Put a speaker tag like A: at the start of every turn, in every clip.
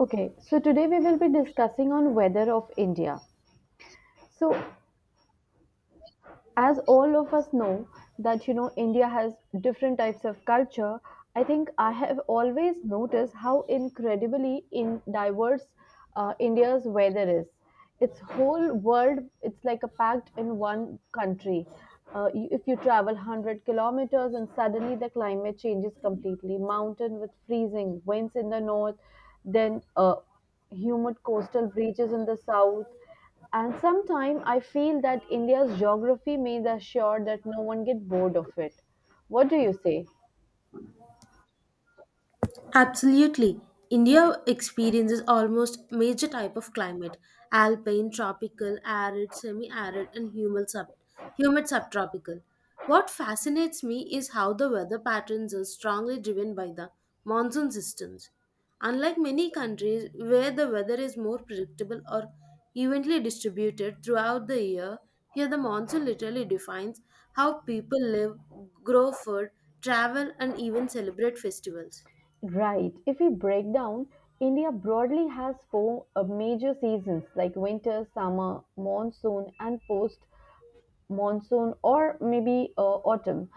A: Okay, so today we will be discussing on weather of India. So as all of us know that India has different types of culture. I think I have always noticed how incredibly in diverse India's weather is. Its whole world, it's like a packed in one country. If you travel 100 kilometers and suddenly the climate changes completely, mountain with freezing, winds in the north, then humid coastal breaches in the south, and sometimes I feel that India's geography may assure that no one get bored of it. What do you say?
B: Absolutely. India experiences almost major type of climate, alpine, tropical, arid, semi-arid and humid, humid subtropical. What fascinates me is how the weather patterns are strongly driven by the monsoon systems. Unlike many countries where the weather is more predictable or evenly distributed throughout the year, here the monsoon literally defines how people live, grow food, travel and even celebrate festivals.
A: Right. If we break down, India broadly has four major seasons like winter, summer, monsoon, and post monsoon, or maybe autumn.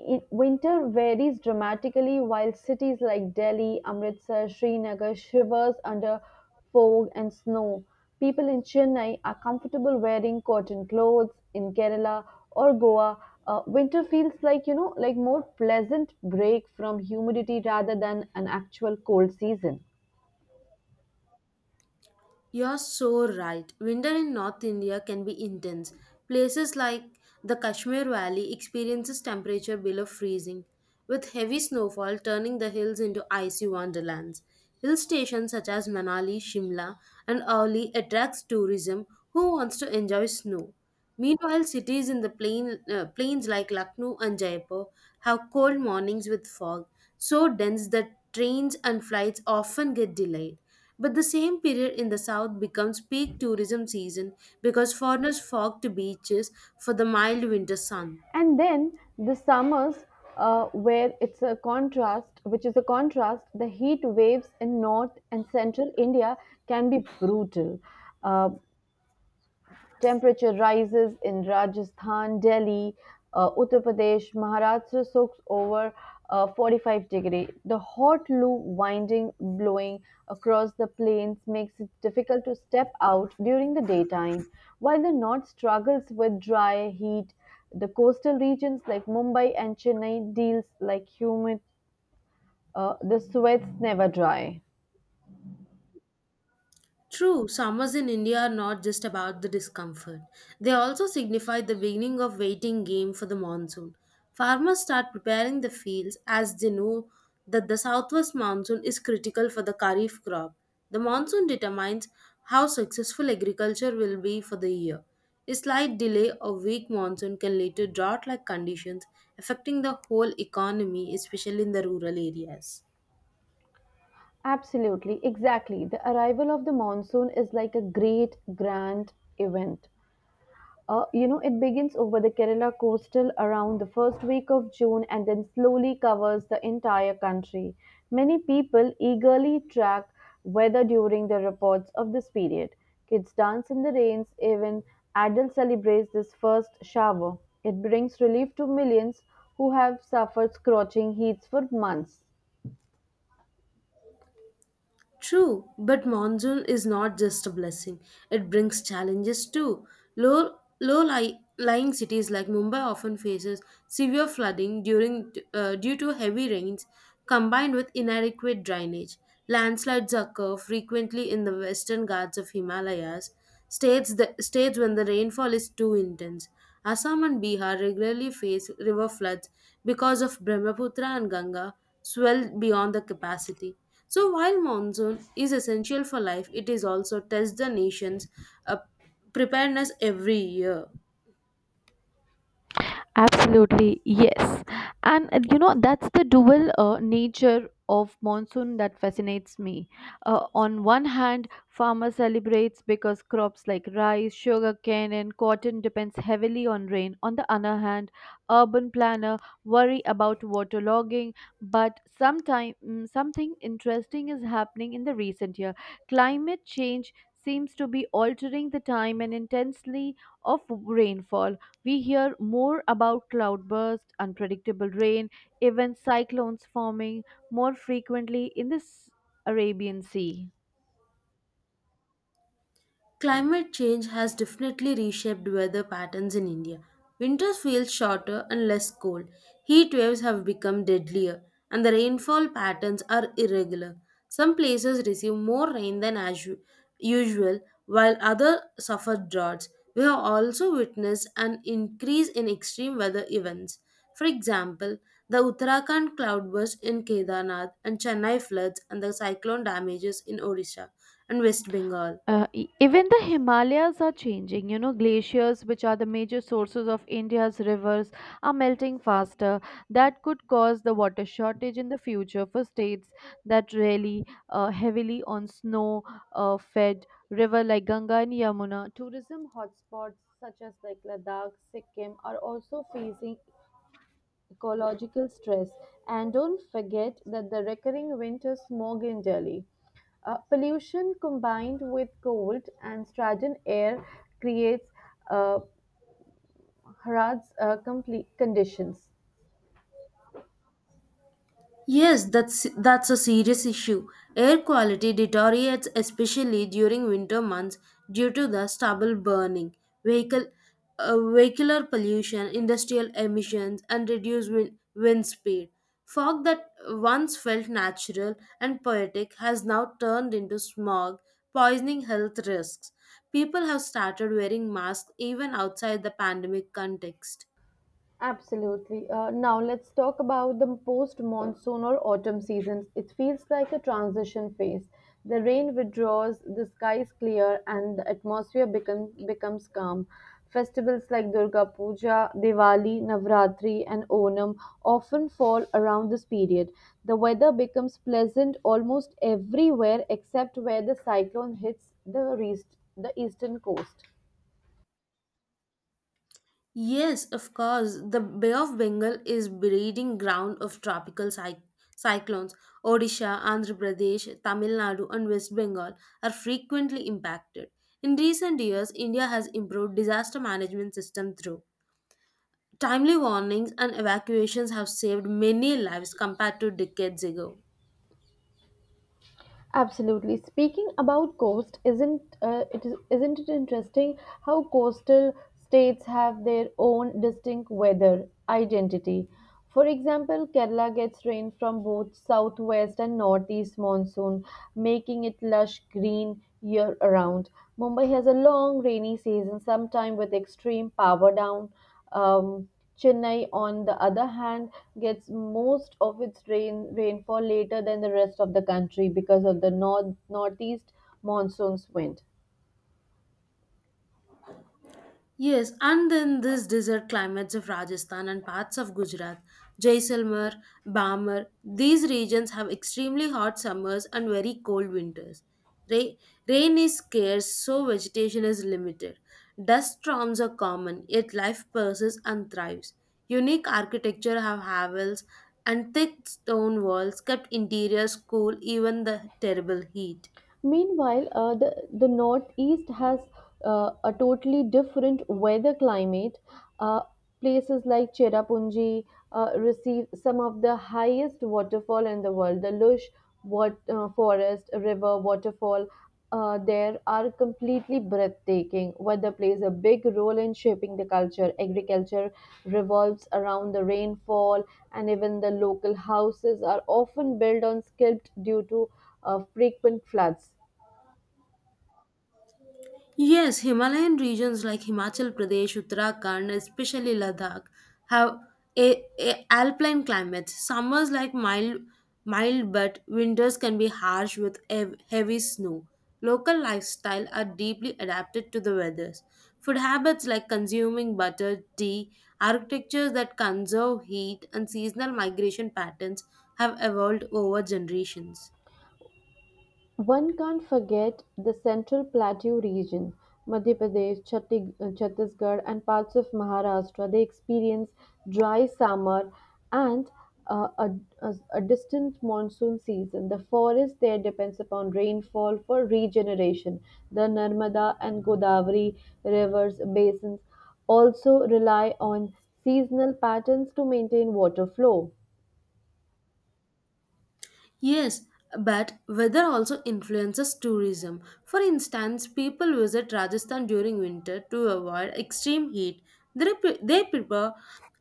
A: Winter varies dramatically while cities like Delhi, Amritsar, Srinagar shivers under fog and snow. People in Chennai are comfortable wearing cotton clothes. In Kerala or Goa, winter feels like, like more pleasant break from humidity rather than an actual cold season.
B: You're so right. Winter in North India can be intense. Places like the Kashmir Valley experiences temperature below freezing, with heavy snowfall turning the hills into icy wonderlands. Hill stations such as Manali, Shimla, and Auli attracts tourism who wants to enjoy snow. Meanwhile, cities in the plains like Lucknow and Jaipur have cold mornings with fog, so dense that trains and flights often get delayed. But the same period in the south becomes peak tourism season because foreigners flock to beaches for the mild winter sun.
A: And then the summers where it's a contrast which is a contrast, the heat waves in north and central india can be brutal. uh, Temperature rises in Rajasthan, Delhi, Uttar Pradesh, Maharashtra soaks over 45 degree. The hot loo winding blowing across the plains makes it difficult to step out during the daytime. While the north struggles with dry heat, the coastal regions like Mumbai and Chennai deals like humid. The sweats never dry.
B: True, summers in India are not just about the discomfort. They also signify the beginning of waiting game for the monsoon. Farmers start preparing the fields as they know that the southwest monsoon is critical for the kharif crop. The monsoon determines how successful agriculture will be for the year. A slight delay or weak monsoon can lead to drought like conditions affecting the whole economy, especially in the rural areas.
A: Absolutely, exactly. The arrival of the monsoon is like a great, grand event. It begins over the Kerala coastal around the first week of June and then slowly covers the entire country. Many people eagerly track weather during the reports of this period. Kids dance in the rains, even adults celebrate this first shower. It brings relief to millions who have suffered scorching heats for months.
B: True, but monsoon is not just a blessing. It brings challenges too. Lying cities like Mumbai often faces severe flooding during due to heavy rains combined with inadequate drainage. Landslides occur frequently in the western ghats of Himalayas, states when the rainfall is too intense. Assam and Bihar regularly face river floods because of Brahmaputra and Ganga swell beyond the capacity. So while monsoon is essential for life, it is also tests the nation's uh, preparedness every year.
A: Absolutely, yes. And that's the dual nature of monsoon that fascinates me. On one hand, farmer celebrates because crops like rice, sugarcane and cotton depends heavily on rain. On the other hand, urban planner worry about waterlogging, but sometime something interesting is happening in the recent year. Climate change seems to be altering the time and intensity of rainfall. We hear more about cloudbursts, unpredictable rain, even cyclones forming more frequently in the Arabian Sea.
B: Climate change has definitely reshaped weather patterns in India. Winters feel shorter and less cold. Heat waves have become deadlier, and the rainfall patterns are irregular. Some places receive more rain than usual, while others suffer droughts. We have also witnessed an increase in extreme weather events. For example, the Uttarakhand cloudburst in Kedarnath and Chennai floods and the cyclone damages in Odisha and West Bengal.
A: Even the Himalayas are changing. You know, glaciers, which are the major sources of India's rivers, are melting faster. That could cause the water shortage in the future for states that rely heavily on snow fed river like Ganga and Yamuna. Tourism hotspots such as like Ladakh, Sikkim are also facing ecological stress. And don't forget that the recurring winter smog in Delhi. Pollution combined with cold and stagnant air creates uh, hazards complete conditions.
B: Yes, that's a serious issue. Air quality deteriorates especially during winter months due to the stubble burning, vehicle vehicular pollution, industrial emissions, and reduced wind speed. Fog that once felt natural and poetic has now turned into smog, poisoning health risks. People have started wearing masks even outside the pandemic context.
A: Absolutely. Now let's talk about the post monsoon or autumn seasons. It feels like a transition phase. The rain withdraws, the skies clear, and the becomes calm. Festivals like Durga Puja, Diwali, Navratri, and Onam often fall around this period. The weather becomes pleasant almost everywhere except where the cyclone hits the eastern coast.
B: Yes, of course. The Bay of Bengal is breeding ground of tropical cyclones. Odisha, Andhra Pradesh, Tamil Nadu, and West Bengal are frequently impacted. In recent years, India has improved disaster management system through timely warnings and evacuations have saved many lives compared to decades ago.
A: Absolutely. Speaking about coast, isn't it interesting how coastal states have their own distinct weather identity? For example, Kerala gets rain from both southwest and northeast monsoon, making it lush green year around. Mumbai has a long rainy season, sometime with extreme power down. Um, Chennai, on the other hand, gets most of its rainfall later than the rest of the country because of the northeast monsoon's wind.
B: Yes, and then these desert climates of Rajasthan and parts of Gujarat, Jaisalmer, Barmer, these regions have extremely hot summers and very cold winters. Ra- Rain is scarce, so vegetation is limited. Dust storms are common, yet life persists and thrives. Unique architecture have havels and thick stone walls kept interiors cool even the terrible heat.
A: Meanwhile, the Northeast has a totally different weather climate. Uh, places like Cherrapunji receive some of the highest waterfall in the world. The lush forest, river, waterfall there are completely breathtaking. Weather plays a big role in shaping the culture. Agriculture revolves around the rainfall, and even the local houses are often built on stilts due to frequent floods.
B: Yes, Himalayan regions like Himachal Pradesh, Uttarakhand, especially Ladakh, have a alpine climates. Summers like mild, but winters can be harsh with heavy snow. Local lifestyle are deeply adapted to the weathers. Food habits like consuming butter, tea, architectures that conserve heat, and seasonal migration patterns have evolved over generations.
A: One can't forget the Central Plateau region, Madhya Pradesh, Chhattisgarh, and parts of Maharashtra. They experience dry summer and uh, a, a distant monsoon season. The forest there depends upon rainfall for regeneration. The Narmada and Godavari rivers basins also rely on seasonal patterns to maintain water flow.
B: Yes, but weather also influences tourism. For instance, people visit Rajasthan during winter to avoid extreme heat. They prefer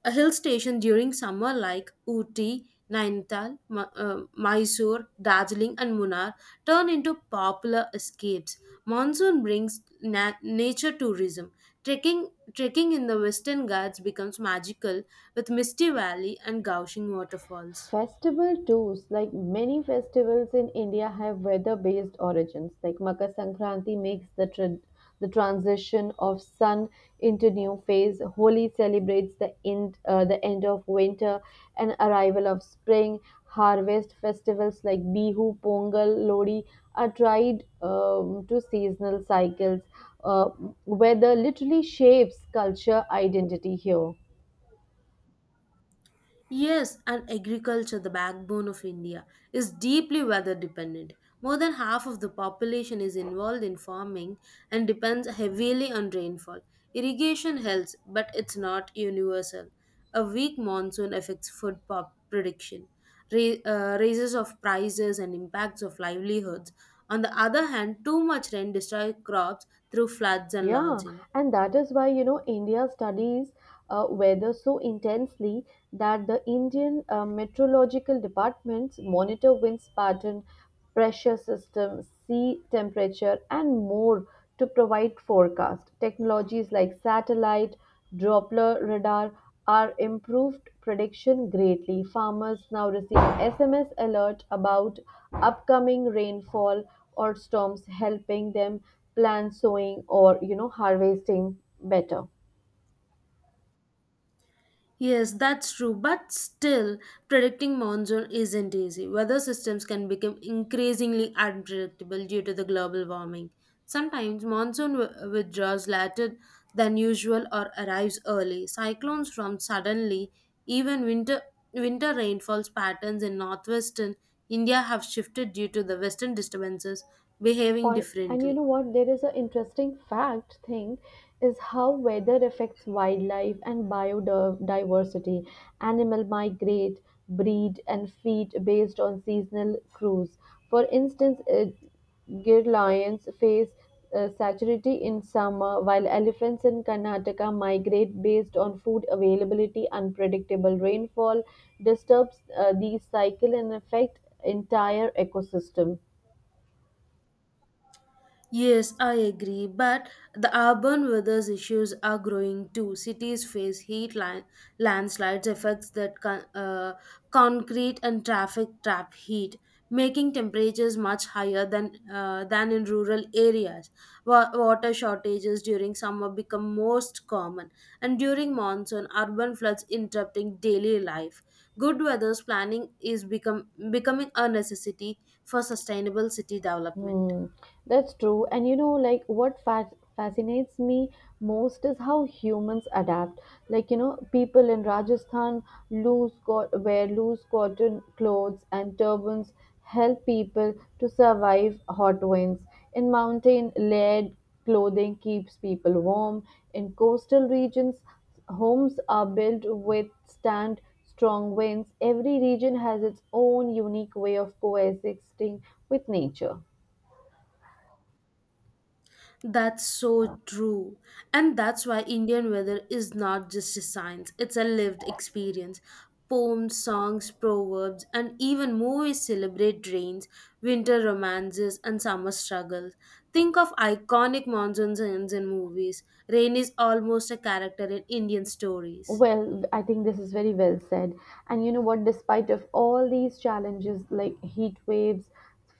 B: a hill station during summer like Uti, Nainital, Mysore, Darjeeling, and Munnar turn into popular escapes. Monsoon brings nature tourism. Trekking in the Western Ghats becomes magical with Misty Valley and Gaushing waterfalls.
A: Festival tools, like many festivals in India, have weather-based origins. Like Makar Sankranti makes the transition of sun into new phase. Holi celebrates the end of winter and arrival of spring. Harvest festivals like Bihu, Pongal, Lodi are tied to seasonal cycles. Uh, weather literally shapes culture identity here.
B: Yes, and agriculture, the backbone of India, is deeply weather dependent. More than half of the population is involved in farming and depends heavily on rainfall. Irrigation helps, but it's not universal. A weak monsoon affects food pop production, raises of prices, and impacts of livelihoods. On the other hand, too much rain destroys crops through floods and
A: Yeah,
B: lodging.
A: and that is why, you know, India studies weather so intensely that the Indian meteorological departments monitor winds pattern, pressure system, sea temperature, and more to provide forecast. Technologies like satellite, Doppler radar are improved prediction greatly. Farmers now receive SMS alert about upcoming rainfall or storms helping them plan sowing or harvesting better.
B: Yes, that's true, but still, predicting monsoon isn't easy. Weather systems can become increasingly unpredictable due to the global warming. Sometimes monsoon withdraws later than usual or arrives early. Cyclones form suddenly, even winter rainfalls patterns in northwestern India have shifted due to the western disturbances behaving
A: Or and you
B: differently.
A: know what? There is an interesting fact thing is how weather affects wildlife and biodiversity. Animal migrate, breed, and feed based on seasonal cruise. For instance, Gir lions face satiety in summer, while elephants in Karnataka migrate based on food availability. Unpredictable rainfall disturbs these cycle and affect entire ecosystem.
B: Yes, I agree, but the urban weather issues are growing too. Cities face heat landslides, effects that concrete and traffic trap heat, making temperatures much higher than in rural areas. Water shortages during summer become most common, and during monsoon, urban floods interrupting daily life. Good weather's planning is become becoming a necessity for sustainable city development.
A: Hmm, that's true. And you know, like what fac fascinates me most is how humans adapt. Like, you know, people in Rajasthan loose co wear loose cotton clothes and turbans help people to survive hot winds. In mountain, layered clothing keeps people warm. In coastal regions, homes are built withstand strong winds. Every region has its own unique way of coexisting with nature.
B: That's so true. And that's why Indian weather is not just a science, it's a lived experience. Poems, songs, proverbs, and even movies celebrate rains, winter romances, and summer struggles. Think of iconic monsoon scenes in movies. Rain is almost a character in Indian stories.
A: Well, I think this is very well said. And you know what? Despite of all these challenges like heat waves,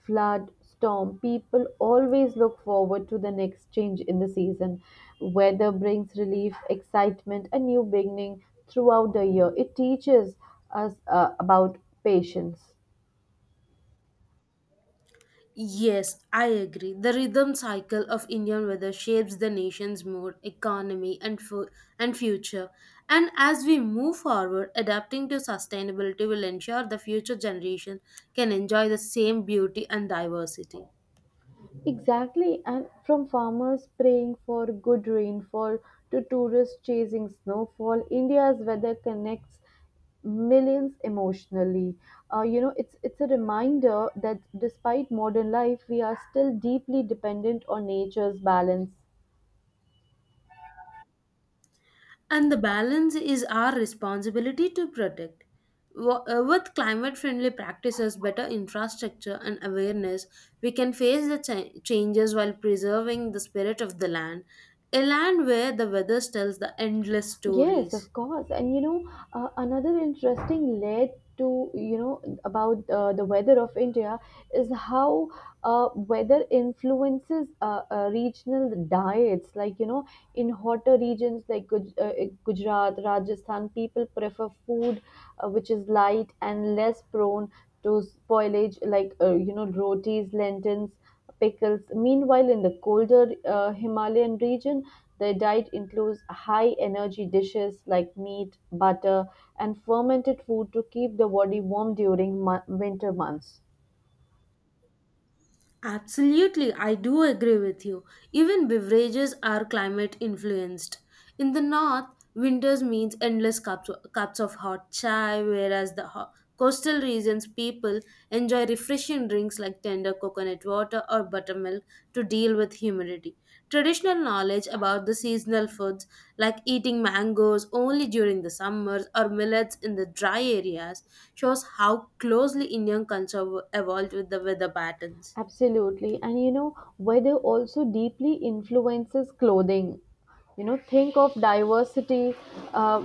A: flood, storm, people always look forward to the next change in the season. Weather brings relief, excitement, a new beginning throughout the year. It teaches us about patience.
B: Yes, I agree. The rhythm cycle of Indian weather shapes the nation's mood, economy, and future. And as we move forward, adapting to sustainability will ensure the future generation can enjoy the same beauty and diversity.
A: Exactly, and from farmers praying for good rainfall to tourists chasing snowfall, India's weather connects millions emotionally. It's a reminder that despite modern life, we are still deeply dependent on nature's balance.
B: And the balance is our responsibility to protect. With climate friendly practices, better infrastructure, and awareness, we can face the changes while preserving the spirit of the land, a land where the weather tells the endless
A: Yes,
B: stories.
A: of course. And another interesting layer to, you know, about the weather of India is how weather influences regional diets. Like, you know, in hotter regions like Gujarat, Rajasthan, people prefer food which is light and less prone to spoilage, like, rotis, lentils pickles. Meanwhile, in the colder Himalayan region, their diet includes high energy dishes like meat, butter, and fermented food to keep the body warm during winter months.
B: Absolutely, I do agree with you. Even beverages are climate influenced. In the north, winters means endless cups of hot chai, whereas the coastal regions people enjoy refreshing drinks like tender coconut water or buttermilk to deal with humidity. Traditional knowledge about the seasonal foods like eating mangoes only during the summers or millets in the dry areas shows how closely Indian culture evolved with the weather patterns.
A: Absolutely. And you know, weather also deeply influences clothing. You know, think of diversity. Uh,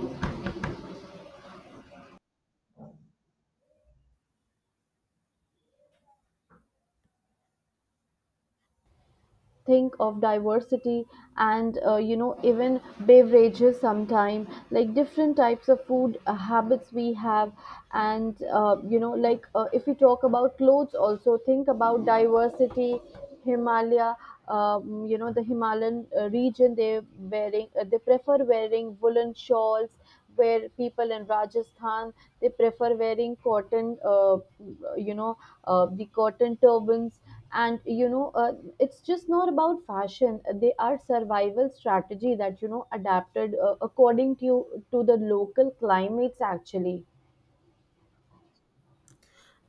A: think of diversity and even beverages sometime like different types of food habits we have, and if we talk about clothes also think about diversity himalaya. You know the himalayan region they prefer wearing woolen shawls where people in Rajasthan they prefer wearing cotton, you know, the cotton turbans, and it's just not about fashion. They are survival strategy that you know adapted according to the local climates actually.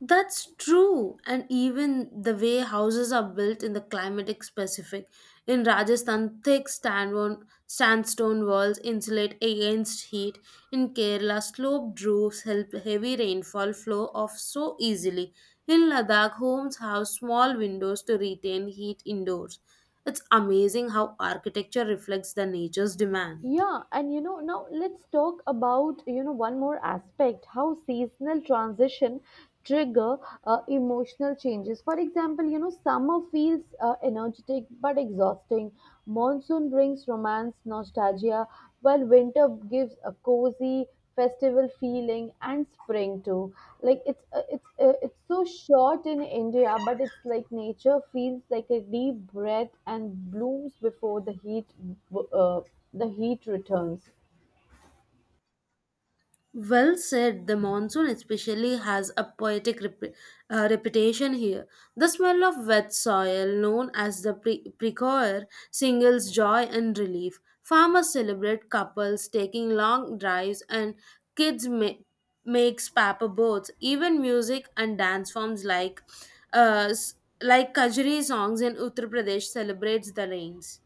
B: That's true. And even the way houses are built in the climatic specific. In Rajasthan, sandstone walls insulate against heat. In Kerala, sloped roofs help heavy rainfall flow off so easily. In Ladakh, homes have small windows to retain heat indoors. It's amazing how architecture reflects the nature's demand.
A: Yeah, and you know, now let's talk about, you know, one more aspect, how seasonal transition trigger emotional changes. For example, you know, summer feels energetic but exhausting. Monsoon brings romance, nostalgia, while winter gives a cozy festival feeling and spring too. Like it's so short in India, but it's like nature feels like a deep breath and blooms before uh, the heat returns.
B: Well said, the monsoon especially has a poetic reputation here. The smell of wet soil, known as the precoir, singles joy and relief. Farmers celebrate couples taking long drives, and kids makes paper boats. Even music and dance forms uh, s- like Kajri songs in Uttar Pradesh celebrates the rains.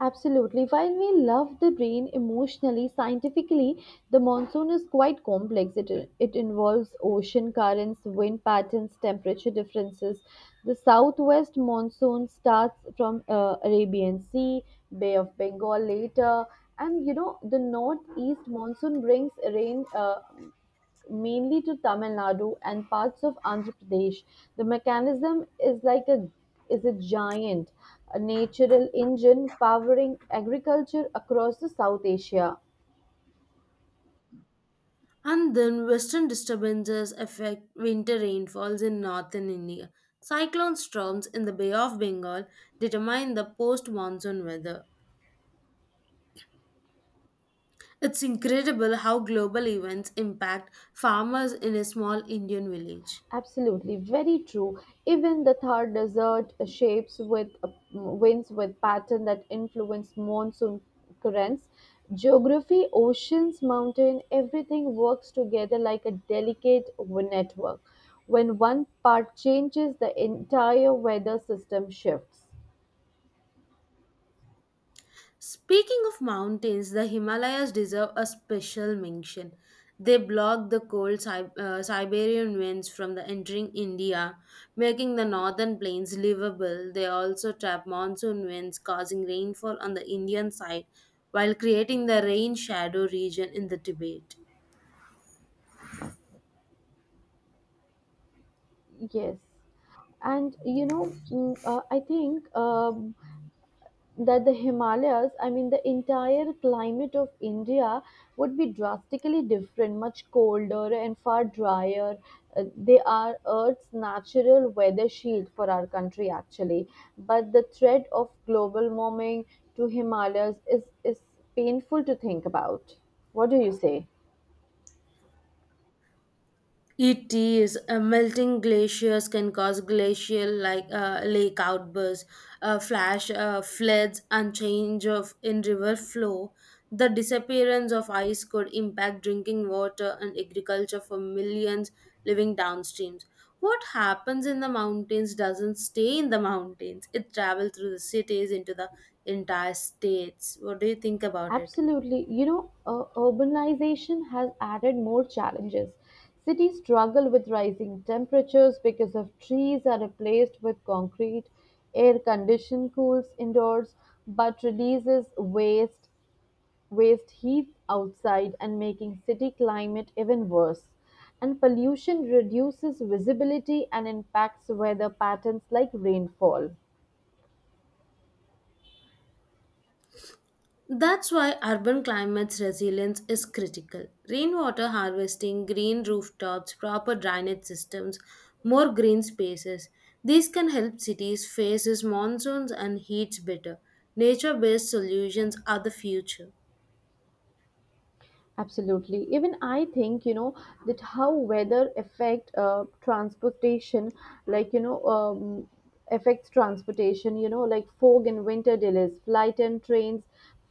A: Absolutely. While we love the rain emotionally, scientifically, the monsoon is quite complex. It involves ocean currents, wind patterns, temperature differences. The southwest monsoon starts from Arabian Sea, Bay of Bengal later, and you know the northeast monsoon brings rain. Mainly to Tamil Nadu and parts of Andhra Pradesh. The mechanism is a giant a natural engine powering agriculture across the South Asia.
B: And then western disturbances affect winter rainfalls in northern India. Cyclone storms in the Bay of Bengal determine the post monsoon weather. It's incredible how global events impact farmers in a small Indian village.
A: Absolutely, very true. Even the Thar Desert shapes with winds with pattern that influence monsoon currents. Geography, oceans, mountain, everything works together like a delicate network. When one part changes, the entire weather system shifts.
B: Speaking of mountains, the Himalayas deserve a special mention. They block the cold Siberian winds from the entering India, making the northern plains livable. They also trap monsoon winds, causing rainfall on the Indian side while creating the rain shadow region in the Tibet.
A: Yes, and I think that the Himalayas, I mean the entire climate of India would be drastically different, much colder and far drier. They are Earth's natural weather shield for our country, actually. But the threat of global warming to Himalayas is painful to think about. What do you say?
B: It is. Melting glaciers can cause glacial like lake outbursts, flash floods, and change of in river flow. The disappearance of ice could impact drinking water and agriculture for millions living downstreams. What happens in the mountains doesn't stay in the mountains. It travels through the cities into the entire states. What do you think about it?
A: Absolutely. You know, urbanization has added more challenges. Cities struggle with rising temperatures because of trees are replaced with concrete. Air condition cools indoors but releases waste heat outside and making city climate even worse. And pollution reduces visibility and impacts weather patterns like rainfall.
B: That's why urban climates resilience is critical. Rainwater harvesting, green rooftops, proper drainage systems, more green spaces. These can help cities face its monsoons and heats better. Nature based solutions are the future.
A: Absolutely. Even I think, you know, that how weather affect transportation, like, you know, affects transportation, you know, like fog and winter delays, flight and trains,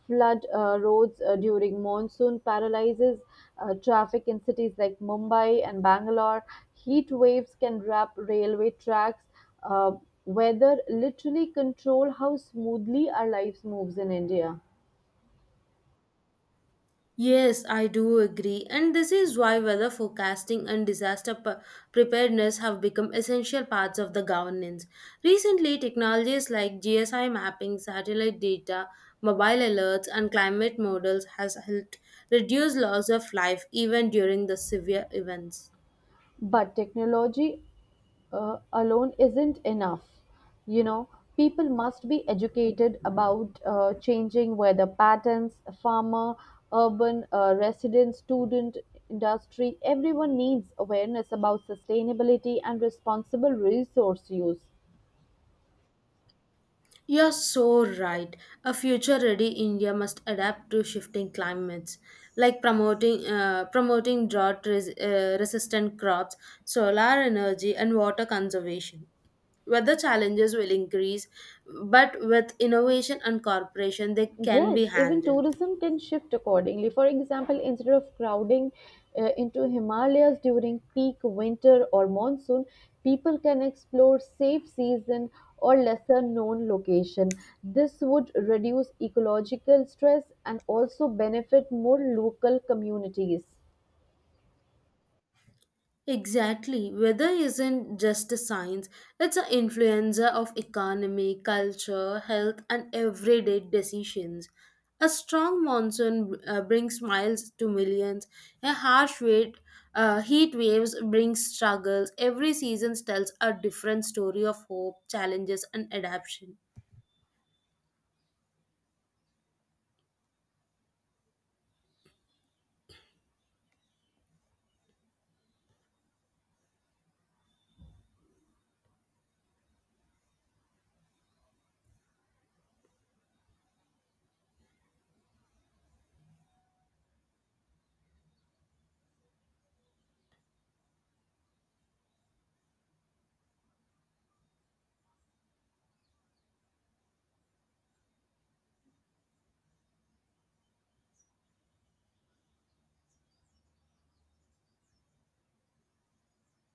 A: flood roads during monsoon paralyzes traffic in cities like Mumbai and Bangalore. Heat waves can wrap railway tracks. Uh, weather literally control how smoothly our lives moves in India.
B: Yes, I do agree. And this is why weather forecasting and disaster preparedness have become essential parts of the governance. Recently, technologies like GSI mapping, satellite data, mobile alerts, and climate models has helped reduce loss of life even during the severe events.
A: But technology alone isn't enough. You know, people must be educated about changing weather patterns, farmer, urban resident, student, industry. Everyone needs awareness about sustainability and responsible resource use.
B: You're so right. A future ready India must adapt to shifting climates, like promoting resistant crops, solar energy, and water conservation. Weather challenges will increase, but with innovation and cooperation, they can be
A: Yes, even
B: handled.
A: tourism can shift accordingly. For example, instead of crowding into Himalayas during peak winter or monsoon, people can explore safe season or lesser known location. This would reduce ecological stress and also benefit more local communities.
B: Exactly. Weather isn't just a science, it's an influencer of economy, culture, health, and everyday decisions. A strong monsoon brings smiles to millions. A heat waves brings struggles. Every season tells a different story of hope, challenges, and adaptation.